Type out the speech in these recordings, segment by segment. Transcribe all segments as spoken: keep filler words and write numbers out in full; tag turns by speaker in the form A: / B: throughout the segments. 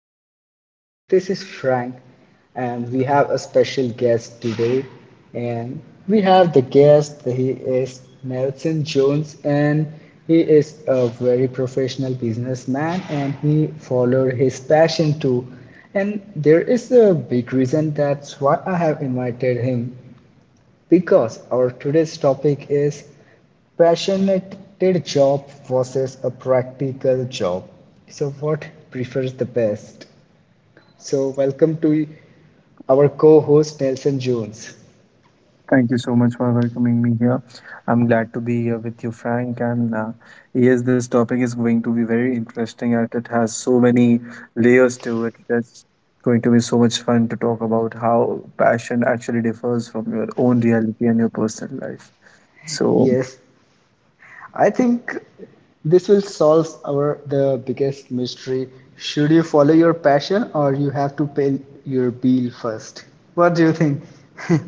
A: podcast, and this is Frank, and we have a special guest today, and we have the guest. He is Nelson Jones, and he is a very professional businessman and he followed his passion too, and there is a big reason that's why I have invited him, because our today's topic is passionate job versus a practical job. So, what prefers the best? So, welcome to our co host Nelson Jones.
B: Thank you so much for welcoming me here. I'm glad to be here with you, Frank. And uh, Yes, this topic is going to be very interesting, and it has so many layers to it. It's going to be so much fun to talk about how passion actually differs from your own reality and your personal life. So
A: Yes, I think this will solve our the biggest mystery. Should you follow your passion or you have to pay your bill first? What do you think?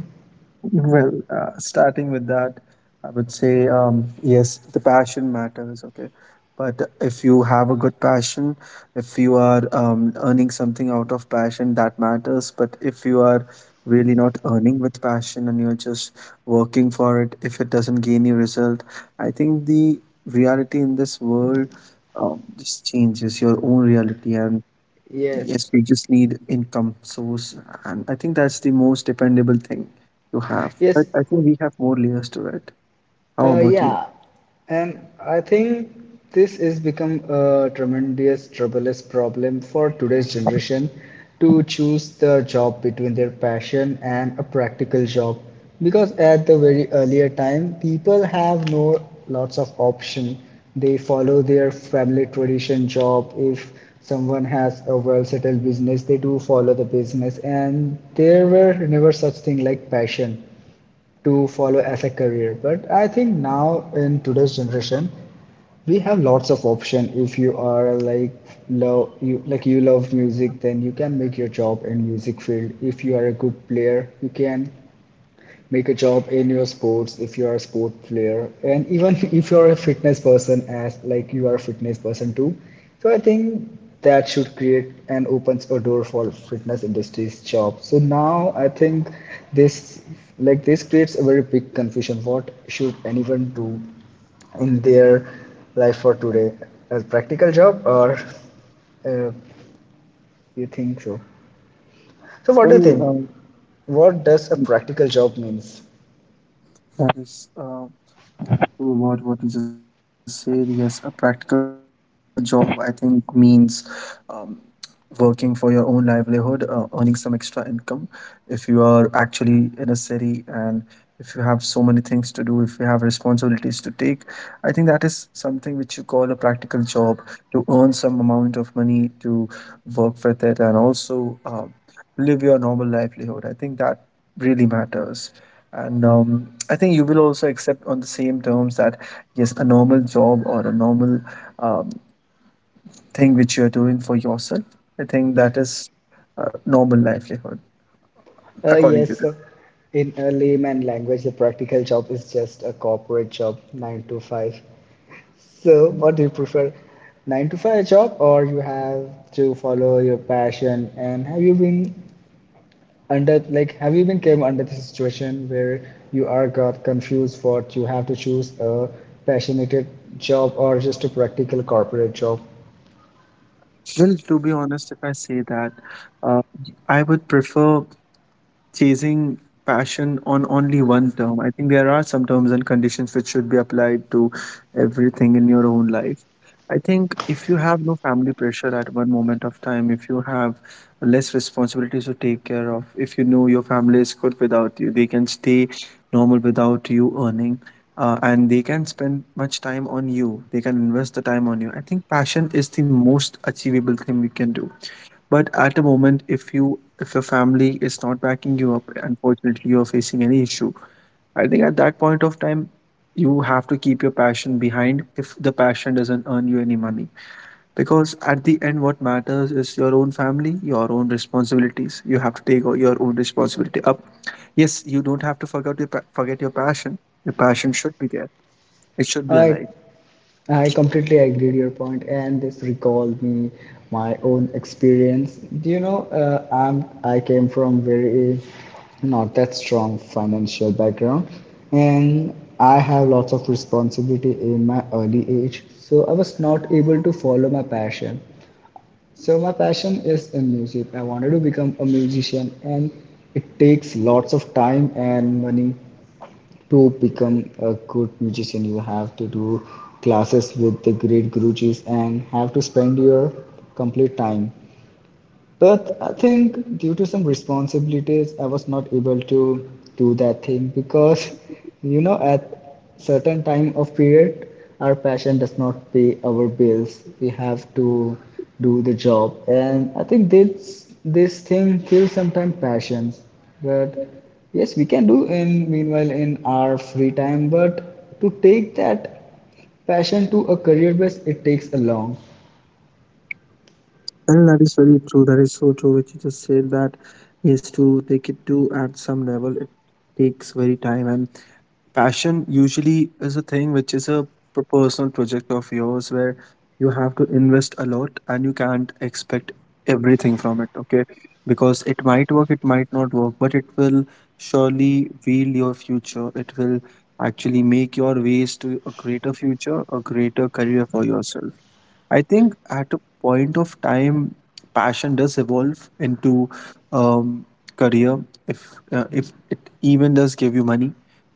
B: Well, uh, starting with that, I would say um, yes, the passion matters, okay? But if you have a good passion, if you are um, earning something out of passion, that matters. But if you are really not earning with passion and you're just working for it, if it doesn't gain you result, I think the reality in this world um, just changes your own reality and
A: Yes.
B: yes, we just need income source, and I think that's the most dependable thing to have. But
A: Yes,
B: I think we have more layers to it. How
A: Uh,
B: about you?
A: yeah, and I think this is become a tremendous troublous problem for today's generation to choose the job between their passion and a practical job, because at the very earlier time people have no lots of option. They follow their family tradition job. If someone has a well settled business they do follow the business, and there were never such thing like passion to follow as a career. But I think now in today's generation we have lots of option. If you are like love you like you love music, then you can make your job in music field. If you are a good player you can make a job in your sports if you are a sport player, and even if you're a fitness person, as like you are a fitness person too, so I think that should create and opens a door for fitness industry's job. So now I think this like this creates a very big confusion, what should anyone do in their life for today, a practical job or, uh, you think so? So what do you think,
B: Well,
A: what does a
B: um,
A: practical job means?
B: that is. Uh, What what you just said, yes, a practical job I think means um, working for your own livelihood, uh, earning some extra income. If you are actually in a city and if you have so many things to do, if you have responsibilities to take, I think that is something which you call a practical job to earn some amount of money to work with it and also uh, live your normal livelihood. I think that really matters. And um, I think you will also accept on the same terms that yes, a normal job or a normal um, thing which you are doing for yourself. I think that is uh, normal livelihood
A: Uh,
B: according
A: yes,
B: to the
A: so in a layman language, the practical job is just a corporate job, nine to five. So, what do you prefer, nine to five job, or you have to follow your passion? And have you been under, like, have you been came under the situation where you are got confused what you have to choose, a passionate job or just a practical corporate job?
B: well. To be honest, if I say that, uh, I would prefer chasing passion on only one term. I think there are some terms and conditions which should be applied to everything in your own life. I think if you have no family pressure at one moment of time, if you have less responsibilities to take care of, if you know your family is good without you, they can stay normal without you earning, uh, and they can spend much time on you. They can invest the time on you. I think passion is the most achievable thing we can do. But at a moment, if you if your family is not backing you up, unfortunately, you are facing any issue. I think at that point of time, you have to keep your passion behind if the passion doesn't earn you any money. Because at the end, what matters is your own family, your own responsibilities. You have to take your own responsibility up. Yes, you don't have to forget your, pa- forget your passion. Your passion should be there, it should be
A: I
B: alive.
A: I completely agree to your point, and this recalled me my own experience. Do you know, uh, I'm I came from very not that strong financial background, and I have lots of responsibility in my early age. So I was not able to follow my passion. So my passion is in music. I wanted to become a musician, and it takes lots of time and money to become a good musician. You have to do classes with the great gurujis and have to spend your complete time. But I think due to some responsibilities, I was not able to do that thing because, you know, at certain time of period, our passion does not pay our bills. We have to do the job, and I think this this thing kills sometimes passions. But yes, we can do in meanwhile in our free time. But to take that passion to a career base, it takes a long.
B: And that is very true. That is so true. Which you just said that yes, to take it to at some level, it takes very time. And passion usually is a thing which is a p- personal project of yours where you have to invest a lot and you can't expect everything from it. Okay, because it might work, it might not work, but it will surely wield your future. It will actually make your ways to a greater future, a greater career for yourself. I think at a point of time, passion does evolve into um, career if uh, if it even does give you money.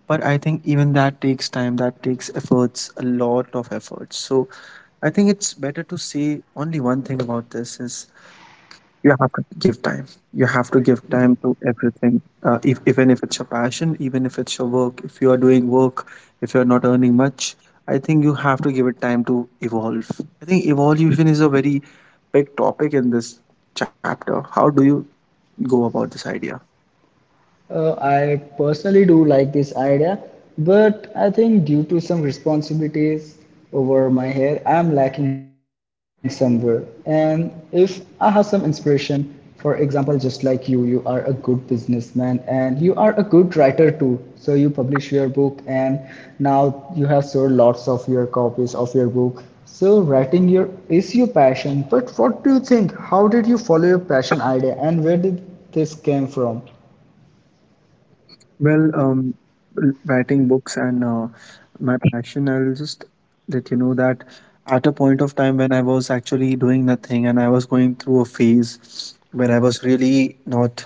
B: But I think even that takes time, that takes efforts, a lot of efforts. So I think it's better to say only one thing about this is you have to give time you have to give time to everything uh, if, even if it's your passion, even if it's your work. If you are doing work, if you're not earning much, I think you have to give it time to evolve. I think evolution is a very big topic in this chapter. How do you go about this idea?
A: Uh, I personally do like this idea, but I think due to some responsibilities over my head, I'm lacking somewhere. And if I have some inspiration, for example, just like you, you are a good businessman and you are a good writer too. So you publish your book, and now you have sold lots of your copies of your book. So writing your is your passion, but what do you think? How did you follow your passion idea, and where did this came from?
B: Well, um, l- Writing books and uh, my passion, I'll just let you know that at a point of time when I was actually doing nothing and I was going through a phase where I was really not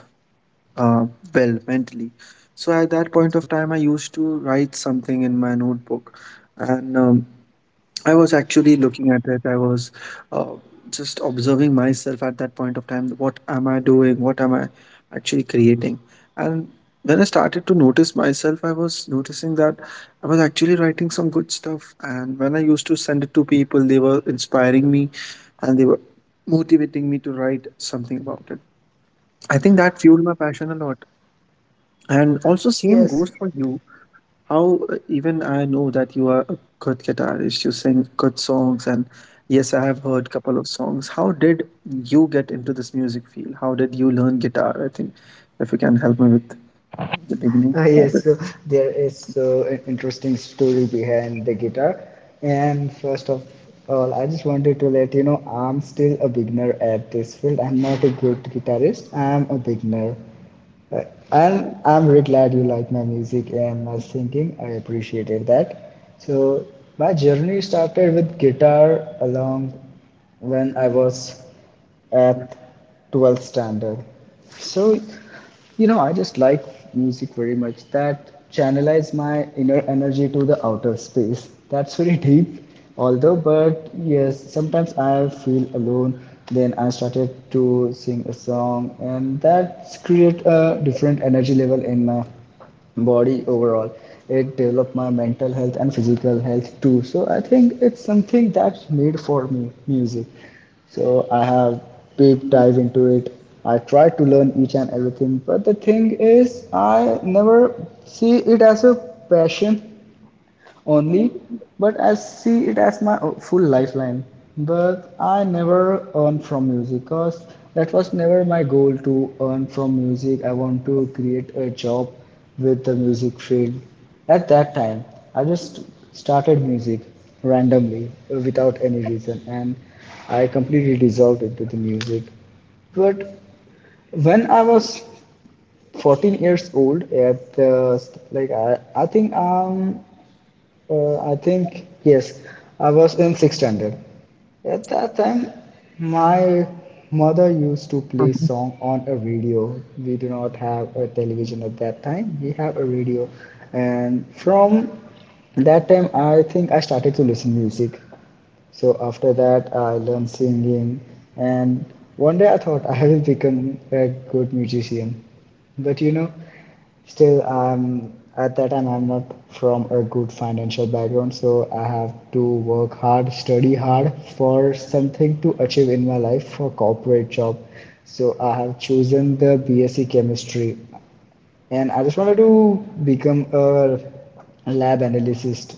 B: uh, well mentally. So at that point of time, I used to write something in my notebook, and um, I was actually looking at it. I was uh, just observing myself at that point of time. What am I doing? What am I actually creating? And when I started to notice myself, I was noticing that I was actually writing some good stuff. And when I used to send it to people, they were inspiring me and they were motivating me to write something about it. I think that fueled my passion a lot. And also, same
A: Yes.
B: goes for you. How uh, even I know that you are a good guitarist, you sing good songs, and yes, I have heard couple of songs. How did you get into this music field? How did you learn guitar? I think if you can help me with the beginning
A: Ah,
B: of
A: yes,
B: it.
A: so there is so an interesting story behind the guitar. And first of all, I just wanted to let you know I'm still a beginner at this field. I'm not a good guitarist, I'm a beginner. And
B: Right.
A: I'm very glad you like my music and my singing. I appreciated that. So my journey started with guitar along when I was at twelfth standard. So, you know, I just like music very much. That channelized my inner energy to the outer space. That's very deep although, but yes, sometimes I feel alone. Then I started to sing a song, and that's create a different energy level in my body overall. It developed my mental health and physical health too, so I think it's something that's made for me, music. So I have deep dive into it. I try to learn each and everything, but the thing is I never see it as a passion only, but I see it as my full lifeline. But I never earn from music, because that was never my goal to earn from music. I want to create a job with the music field. At that time, I just started music randomly uh, without any reason, and I completely dissolved into the music. But when I was fourteen years old, at uh, like I, I think um uh, I think yes, I was in sixth standard. At that time, my mother used to play
B: Mhm.
A: song on a radio. We do not have a television at that time. We have a radio, and from that time, I think I started to listen music. So after that, I learned singing, and one day I thought I will become a good musician. But you know, still I'm at that time I'm not from a good financial background, so I have to work hard, study hard for something to achieve in my life for corporate job. So I have chosen the BSc chemistry, and I just wanted to become a lab analyst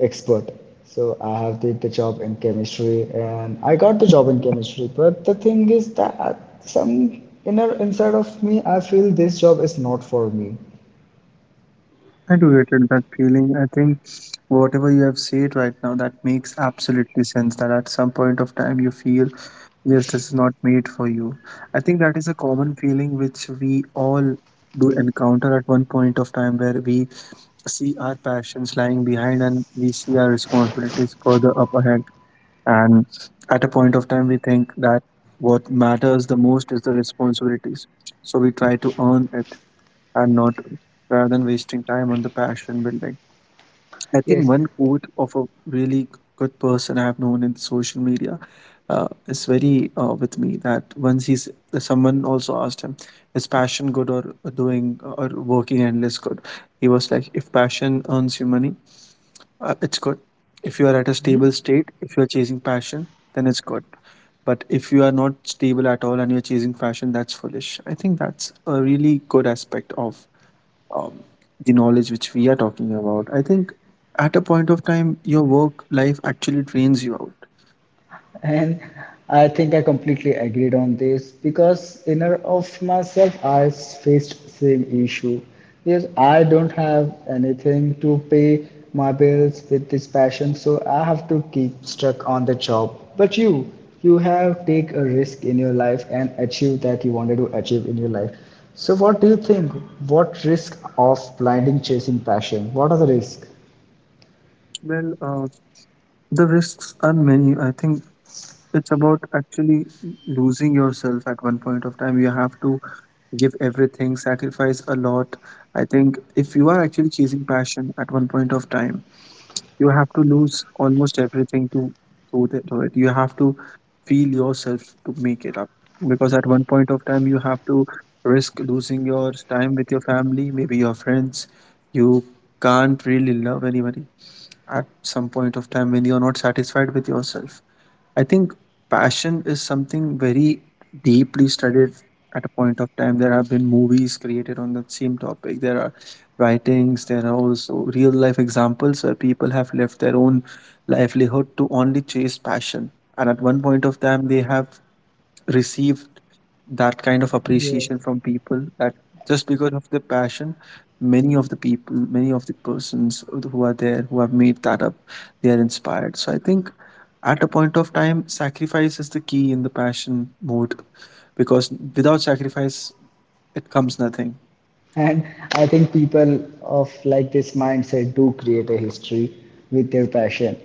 A: expert. So I have did the job in chemistry, and I got the job in chemistry. But the thing is that some inner inside of me, I feel this job is not for me.
B: I do get it, that feeling. I think whatever you have said right now, that makes absolutely sense. That at some point of time you feel yes, this is not made for you. I think that is a common feeling which we all do encounter at one point of time where we see our passions lying behind and we see our responsibilities further up ahead. And at a point of time, we think that what matters the most is the responsibilities. So we try to earn it and not rather than wasting time on the passion building. I think
A: Yes.
B: one quote of a really good person I've known in social media uh, is very uh, with me that once he's someone also asked him, is passion good or doing or working endless good? He was like, if passion earns you money, uh, it's good. If you are at a stable
A: Mhm.
B: state, if you are chasing passion, then it's good. But if you are not stable at all and you're chasing passion, that's foolish. I think that's a really good aspect of um, the knowledge which we are talking about. I think at a point of time, your work life actually drains you out.
A: And I think I completely agreed on this, because inner of myself I faced same issue, because I don't have anything to pay my bills with this passion, so I have to keep stuck on the job. But you, you have take a risk in your life and achieve that you wanted to achieve in your life. So what do you think? What risk of blinding chasing passion? What are the risks?
B: Well, uh, the risks are many. I think it's about actually losing yourself at one point of time. You have to give everything, sacrifice a lot. I think if you are actually chasing passion at one point of time, you have to lose almost everything to do that do it. You have to feel yourself to make it up, because at one point of time you have to risk losing your time with your family, maybe your friends. You can't really love anybody at some point of time when you're not satisfied with yourself. I think passion is something very deeply studied at a point of time. There have been movies created on that same topic. There are writings, there are also real life examples where people have left their own livelihood to only chase passion. And at one point of time, they have received that kind of
A: Yes.
B: appreciation from people that just because of the passion, many of the people many of the persons who are there who have made that up, they are inspired. So I think at a point of time, sacrifice is the key in the passion mode, because without sacrifice, it comes nothing.
A: And I think people of like this mindset do create a history with their passion.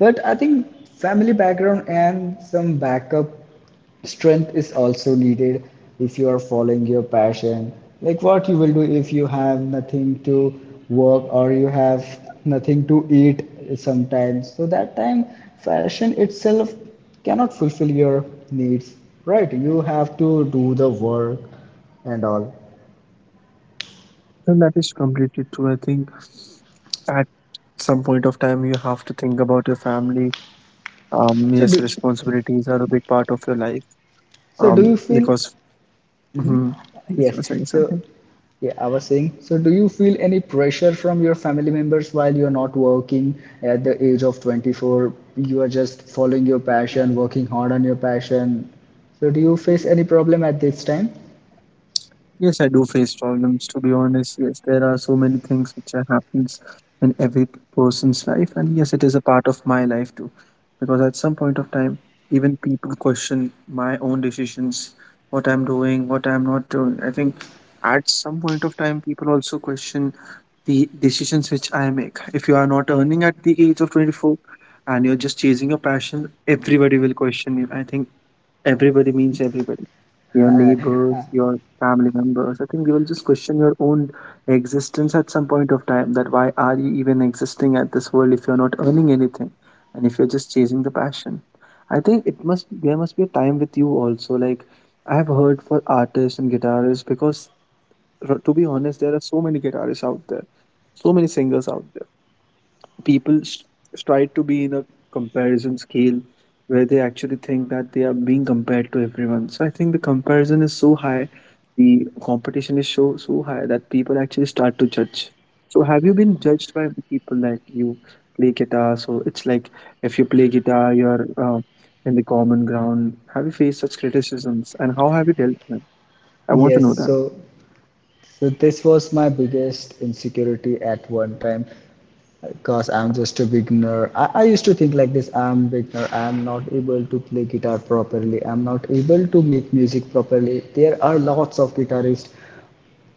A: But I think family background and some backup strength is also needed if you are following your passion. Like what you will do if you have nothing to work or you have nothing to eat sometimes. So that time fashion itself cannot fulfill your needs, right? You have to do the work and all.
B: And that is completely true. I think at some point of time, you have to think about your family. Um, yes,
A: So do,
B: responsibilities are a big part of your life. Um,
A: So do you feel,
B: because, mhm, if you were
A: yes.
B: saying something.
A: So yeah, I was saying, so do you feel any pressure from your family members while you're not working at the age of twenty-four? You are just following your passion, working hard on your passion. So do you face any problem at this time?
B: Yes, I do face problems. To be honest, yes, there are so many things which are happens in every person's life, and yes, it is a part of my life too. Because at some point of time, even people question my own decisions, what I'm doing, what I'm not doing. I think at some point of time, people also question the decisions which I make. If you are not earning at the age of twenty-four and you're just chasing your passion, everybody will question you. I think everybody means everybody. Your neighbors, your family members. I think they will just question your own existence at some point of time. That why are you even existing at this world if you're not earning anything and if you're just chasing the passion? I think it must there must be a time with you also. Like I have heard for artists and guitarists because r- to be honest, there are so many guitarists out there, so many singers out there. People st- strive to be in a comparison scale where they actually think that they are being compared to everyone. So I think the comparison is so high, the competition is so so high that people actually start to judge. So have you been judged by people? Like, you play guitar, so it's like, if you play guitar, you're uh, in the common ground. Have you faced such criticisms, and how have you dealt with them? I want to
A: Yes,
B: know that.
A: so, so this was my biggest insecurity at one time, because I'm just a beginner. I, I used to think like this, I'm a beginner, I'm not able to play guitar properly, I'm not able to make music properly. There are lots of guitarists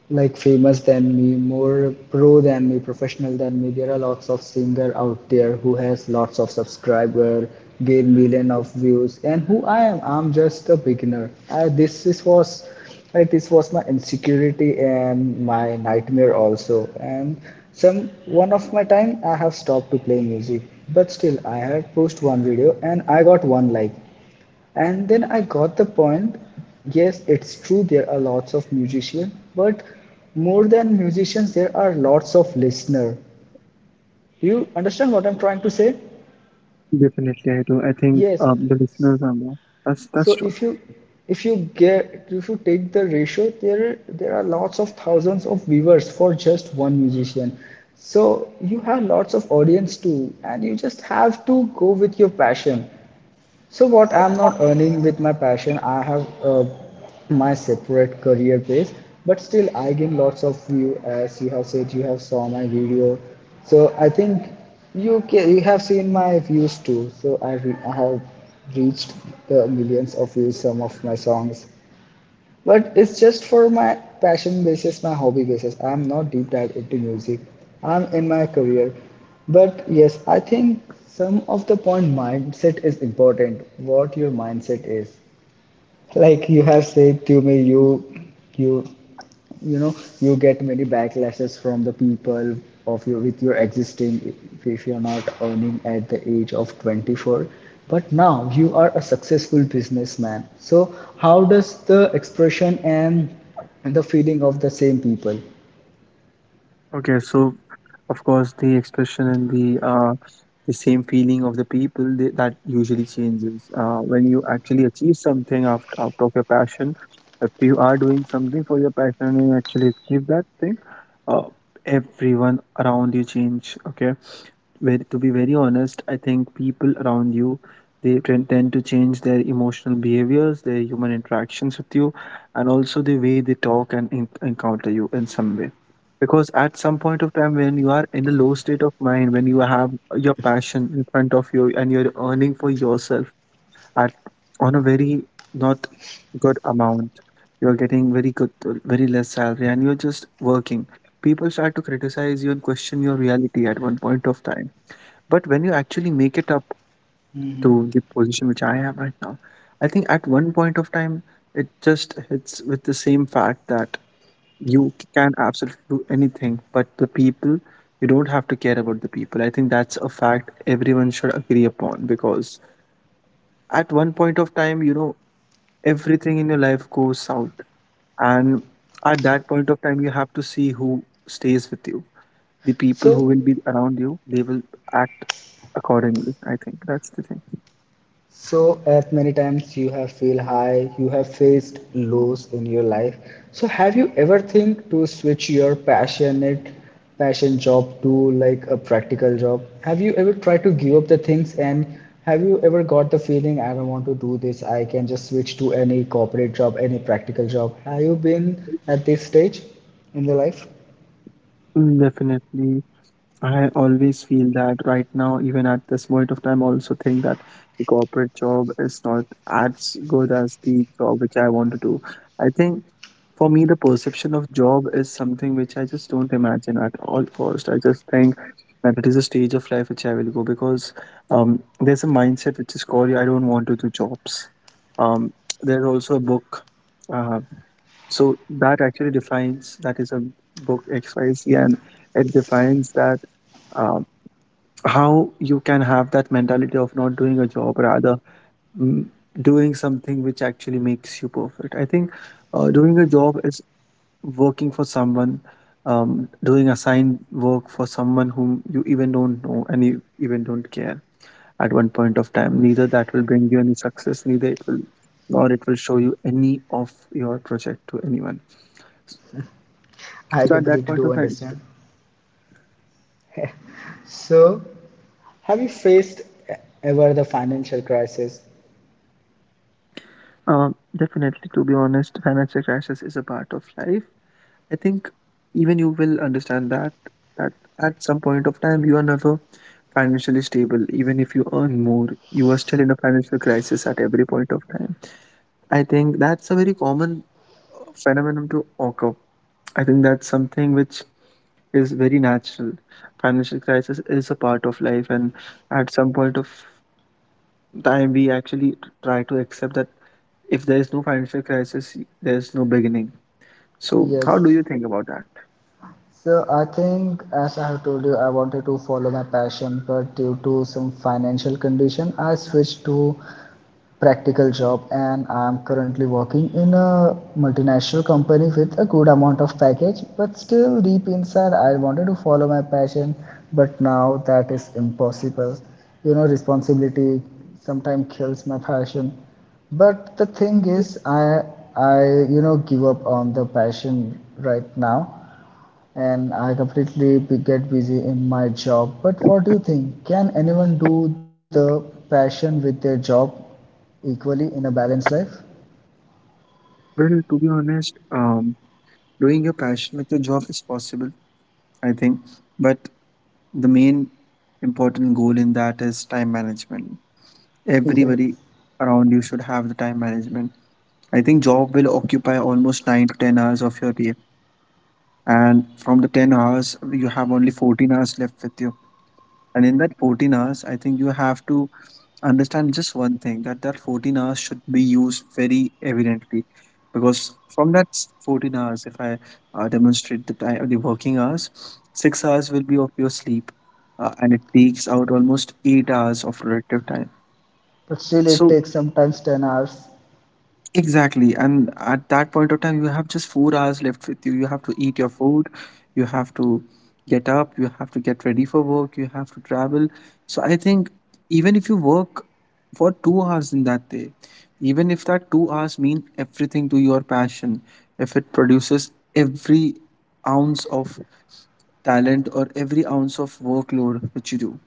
A: like famous than me, more pro than me, professional than me. There are lots of singer out there who has lots of subscriber, gain million of views, and who I am, I'm just a beginner. I, this is was like this was my insecurity and my nightmare also. And some one of my time I have stopped to play music, but still I had post one video and I got one like. And then I got the point. Yes, it's true, there are lots of musicians, but more than musicians, there are lots of listeners. Do you understand what I'm trying to say?
B: Definitely, I do. I think
A: Yes.
B: um, the listeners are more. that's
A: So
B: that's true.
A: if you if you get if you take the ratio, there there are lots of thousands of viewers for just one musician. So you have lots of audience too, and you just have to go with your passion. So what I'm not earning with my passion, I have uh, my separate career base, but still I gain lots of view, as you have said you have saw my video. So I think you ca you have seen my views too. So I, re I have reached the millions of views some of my songs. But it's just for my passion basis, my hobby basis. I'm not deep dive into music. I'm in my career. But yes, I think some of the point mindset is important. What your mindset is. Like you have said to me, you you you know you get many backlashes from the people of your with your existing if, if you're not earning at the age of twenty-four, but now you are a successful businessman. So how does the expression and the feeling of the same people?
B: Okay, so of course the expression and the uh, the same feeling of the people, they, that usually changes uh, when you actually achieve something out, out of your passion. If you are doing something for your passion and you actually achieve that thing, uh, everyone around you change. Okay, very, to be very honest, I think people around you, they tend tend to change their emotional behaviors, their human interactions with you, and also the way they talk and en- encounter you in some way. Because at some point of time, when you are in a low state of mind, when you have your passion in front of you and you're earning for yourself, at on a very not good amount, you're getting very good, very less salary, and you're just working, people start to criticize you and question your reality at one point of time. But when you actually make it up to the position which I am right now, I think at one point of time, it just hits with the same fact that you can absolutely do anything, but the people, you don't have to care about the people. I think that's a fact everyone should agree upon, because at one point of time, you know everything in your life goes south. And at that point of time, you have to see who stays with you. The people
A: so
B: who will be around you, they will act accordingly. I think that's the thing.
A: So, as many times you have feel high, you have faced lows in your life. So, have you ever think to switch your passionate passion job to like a practical job? Have you ever tried to give up the things, and have you ever got the feeling I don't want to do this, I can just switch to any corporate job, any practical job? Have you been at this stage in your life?
B: Mm, definitely. I always feel that right now. Even at this point of time, I also think that the corporate job is not as good as the job which I want to do. I think for me, the perception of job is something which I just don't imagine at all cost. I just think that it is a stage of life which I will go, because um, there's a mindset which is called I don't want to do jobs. Um, there's also a book. Uh, so that actually defines, that is a book X Y Z, and it defines that um how you can have that mentality of not doing a job, rather mm, doing something which actually makes you perfect, I think. Uh, doing a job is working for someone, um, doing assigned work for someone whom you even don't know and you even don't care. At one point of time, neither that will bring you any success, neither it will, or it will show you any of your project to anyone.
A: I
B: So at that
A: completely
B: point of
A: do
B: time, it's true.
A: understand. So, have you faced e-, ever the financial crisis?
B: Um, definitely, to be honest, financial crashes is a part of life. I think even you will understand that, that at some point of time you are never financially stable. Even if you earn more, you are still in a financial crisis at every point of time. I think that's a very common uh, phenomenon to occur. I think that's something which is very natural. Financial crisis is a part of life, and at some point of time, we actually try to accept that if there is no financial crisis, there's no beginning. So, how do
A: Yes.
B: you think about that?
A: So I think, as I have told you, I wanted to follow my passion, but due to some financial condition, I switched to practical job, and I am currently working in a multinational company with a good amount of package. But still, deep inside, I wanted to follow my passion, but now that is impossible. You know, responsibility sometimes kills my passion. But the thing is, I I you know give up on the passion right now and I completely get busy in my job. But what do you think? Can anyone do the passion with their job equally in a balanced life?
B: Well, to be honest, um, doing your passion with your job is possible, I think. But the main important goal in that is time management.
A: Yes,
B: Everybody around you should have the time management. I think job will occupy almost nine to ten hours of your day, and from the ten hours, you have only fourteen hours left with, and in that fourteen hours, I think you have to understand just one thing, that that fourteen hours should be used very evidently. Because from that s- fourteen hours, if I uh, demonstrate the time the working hours, six hours will be of your sleep, uh, and it takes out almost eight hours of productive time.
A: but still it
B: So
A: takes sometimes ten hours.
B: exactly. And at that point of time, you have just four hours left with you. You have to eat your food, you have to get up, you have to get ready for work, you have to travel. So I think even if you work for two hours in that day, even if that two hours mean everything to your passion, if it produces every ounce of talent or every ounce of workload which you do,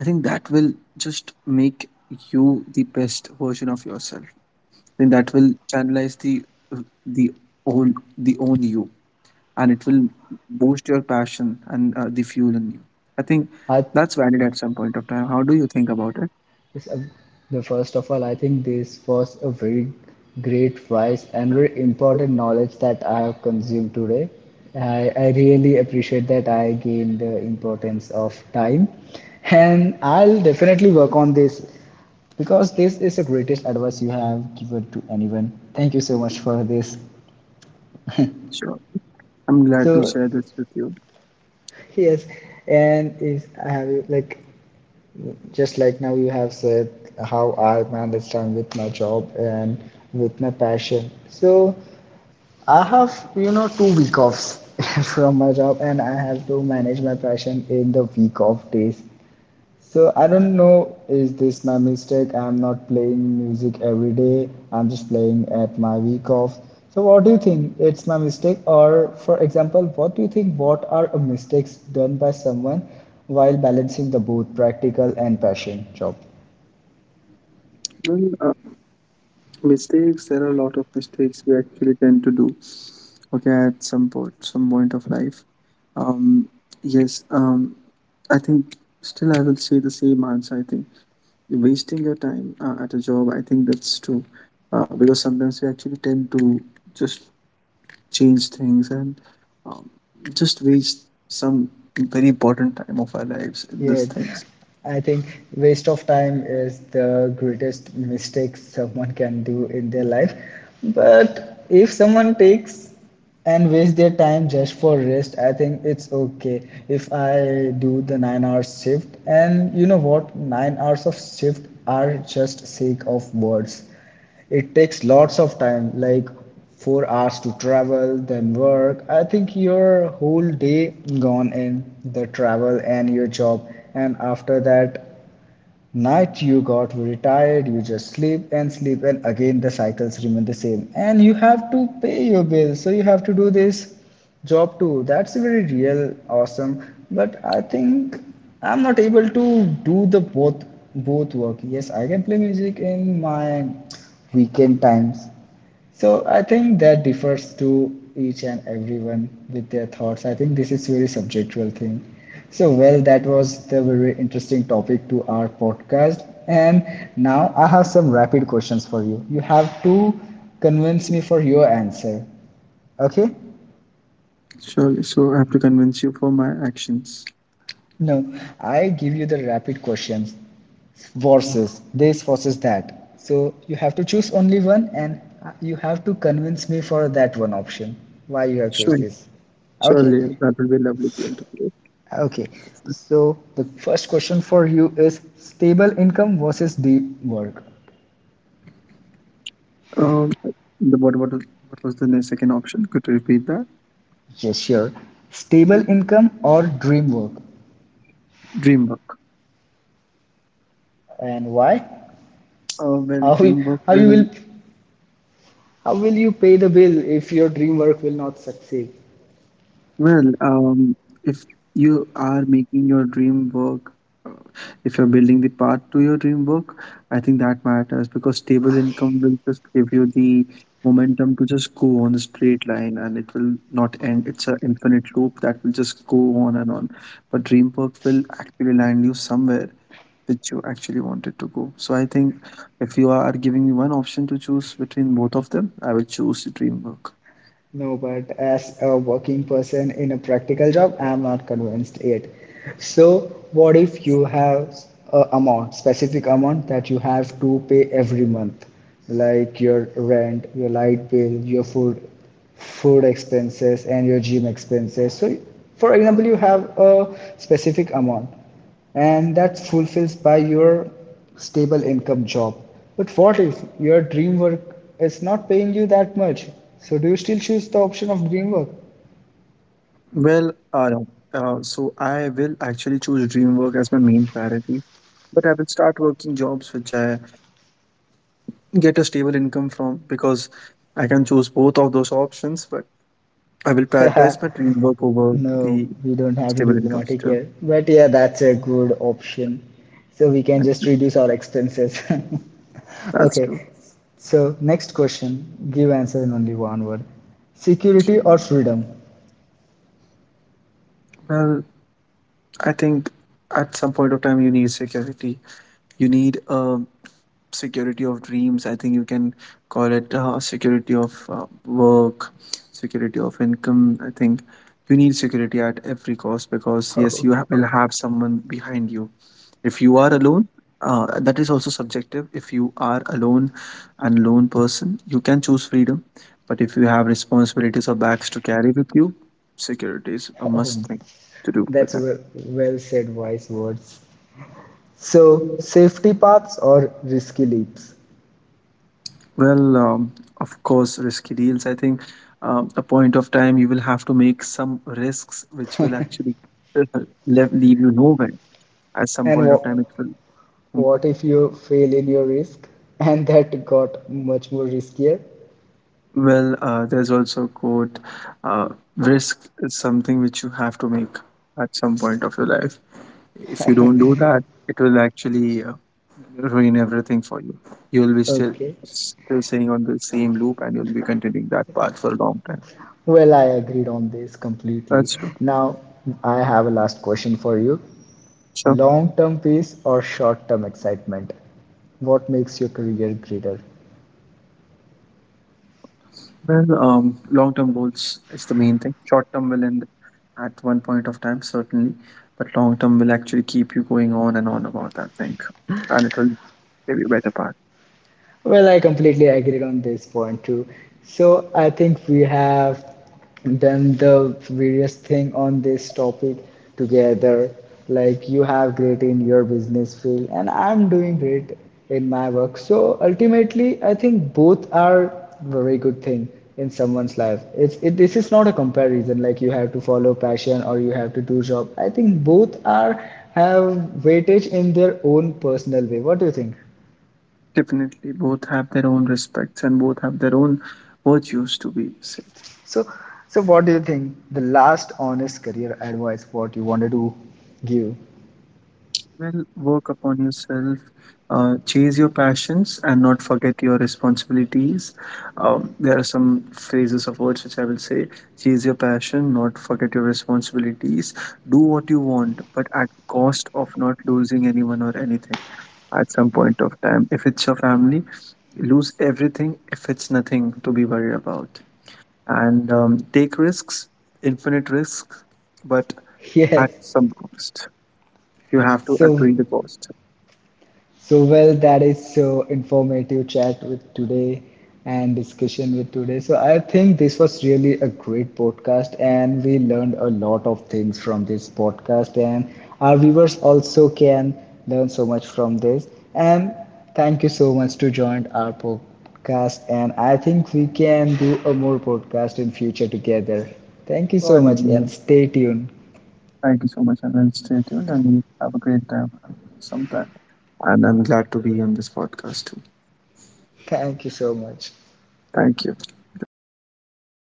B: I think that will just make you the best version of yourself. Then that will channelize the, the own the own you, and it will boost your passion and uh, the fuel in you, I think.
A: I
B: That's valid at some point of time. How do you think about it?
A: Yes, uh, the first of all, I think this was a very great, wise, and very important knowledge that I have consumed today. I, I really appreciate that I gained the importance of time, and I'll definitely work on this, because this is the greatest advice you have given to anyone. Thank you so much for this.
B: Sure. I'm glad to
A: So
B: share this with you.
A: yes, and is I have like, just like now you have said, how I manage time with my job and with my passion. So I have you know two week offs from my job, and I have to manage my passion in the week off days. So I don't know, is this my mistake? I'm not playing music every day, I'm just playing at my week off. So what do you think, it's my mistake? Or for example, what do you think, what are mistakes done by someone while balancing the both practical and passion job?
B: Well, uh, mistakes. There are a lot of mistakes we actually tend to do. Okay, at some point, some point of life. Um, yes. Um, I think still I will say the same answer. I think you're wasting your time uh, at a job, I think that's true. Uh, because sometimes we actually tend to just change things and um, just waste some very important time of our lives in these
A: Yes,
B: things.
A: I think waste of time is the greatest mistake someone can do in their life. But if someone takes and waste their time just for rest, I think it's okay. If I do the nine hours shift, and you know what, nine hours of shift are just sake of words, it takes lots of time, like four hours to travel then work. I think your whole day gone in the travel and your job, and after that night you got very tired, you just sleep and sleep, and again the cycles remain the same, and you have to pay your bills, so you have to do this job too. That's very real awesome. But I think I'm not able to do the both both work. Yes, I can play music in my weekend times. So I think that differs to each and everyone with their thoughts. I think this is very subjectual thing. So well, that was the very interesting topic to our podcast. And now I have some rapid questions for you. You have to convince me for your answer. Okay?
B: Surely. So I have to convince you for my actions.
A: No, I give you the rapid questions, versus this versus that. So you have to choose only one, and uh, you have to convince me for that one option why you have chose
B: Sure.
A: this. Okay?
B: Surely. That will be a lovely game to play.
A: Okay. So the first question for you is stable income versus dream work.
B: Um, the, what, what, what was the second option? Could you repeat that?
A: Yes, sure. Stable income or dream work.
B: Dream work.
A: And why?
B: Uh, well,
A: How
B: dream work
A: how you
B: will.
A: will how will you pay the bill if your dream work will not succeed?
B: Well, um, if you are making your dream work, uh, if you're building the path to your dream work, I think that matters because stable income will just give you the momentum to just go on a straight line, and it will not end. It's an infinite loop that will just go on and on. But dream work will actually land you somewhere which you actually wanted to go. So I think if you are giving me one option to choose between both of them, I will choose dream work.
A: No, but as a working person in a practical job, I'm not convinced yet. So, what if you have a amount, specific amount that you have to pay every month, like your rent, your light bill, your food, food expenses, and your gym expenses. So, for example, you have a specific amount, and that fulfills by your stable income job. But what if your dream work is not paying you that much? So do you still choose the option of dream work?
B: Well, uh, uh, so I will actually choose dream work as my main priority, but I will start working jobs which I get a stable income from, because I can choose both of those options, but I will prioritize my dream work over
A: No,
B: the
A: we don't have to
B: stable
A: do
B: income
A: diplomatic
B: still.
A: here. But yeah, that's a good option. So we can
B: And
A: just reduce our expenses.
B: that's
A: Okay,
B: true.
A: so next question. Give answer in only one word. Security or freedom?
B: Well, I think at some point of time you need security. You need a security of dreams. I think you can call it uh, security of uh, work, security of income. I think you need security at every cost, because yes,
A: Oh,
B: you ha- will have someone behind you if you are alone. Uh, that is also subjective. If you are alone and lone person, you can choose freedom, but if you have responsibilities or bags to carry with you, security is a
A: oh,
B: must thing to do
A: that's
B: with
A: w- well said, wise words. So,
B: that.
A: safety paths or risky leaps?
B: Well, um, of course, risky deals. I think um, a point of time you will have to make some risks which will actually uh, leave, leave you nowhere. At some
A: And
B: point of time,
A: what,
B: it will. mm,
A: what if you fail in your risk and that got much more riskier?
B: Well, uh, there's also a quote. uh, Risk is something which you have to make at some point of your life. If you don't do that, it will actually uh, ruin everything for you. You'll be still
A: Okay.
B: still staying on the same loop, and you'll be continuing that path for a long time.
A: Well, I agreed on this completely.
B: That's true.
A: Now, I have a last question for you.
B: Sure.
A: Long term peace or short term excitement? What makes your career greater?
B: Well, um, long-term goals is the main thing. Short-term will end at one point of time, certainly, but long-term will actually keep you going on and on about that thing, and it will give you better part.
A: Well, I completely agreed on this point too. So I think we have done the various thing on this topic together. Like you have great in your business field, and I'm doing great in my work. So ultimately, I think both are very good thing in someone's life. It's it, this is not a comparison. Like you have to follow passion or you have to do job. I think both are have weightage in their own personal way. What do you think?
B: Definitely, both have their own respects and both have their own virtues to be said.
A: So, so what do you think? The last honest career advice what you wanted to give?
B: Well, work upon yourself, uh, chase your passions, and not forget your responsibilities. Um, there are some phrases of words which I will say: chase your passion, not forget your responsibilities. Do what you want, but at cost of not losing anyone or anything at some point of time. If it's your family, lose everything if it's nothing to be worried about. And um, take risks, infinite risks, but
A: Yes.
B: at some cost. You have to
A: So
B: agree the cost.
A: So, well, that is so informative chat with today and discussion with today. So, I think this was really a great podcast, and we learned a lot of things from this podcast, and our viewers also can learn so much from this. And thank you so much to join our podcast, and I think we can do a more podcast in future together. Thank you so
B: Sorry,
A: much,
B: Leo.
A: and stay tuned.
B: Thank you so much, and then stay tuned and have a great time sometime. And I'm glad to be on this podcast too.
A: Thank you so much.
B: Thank you.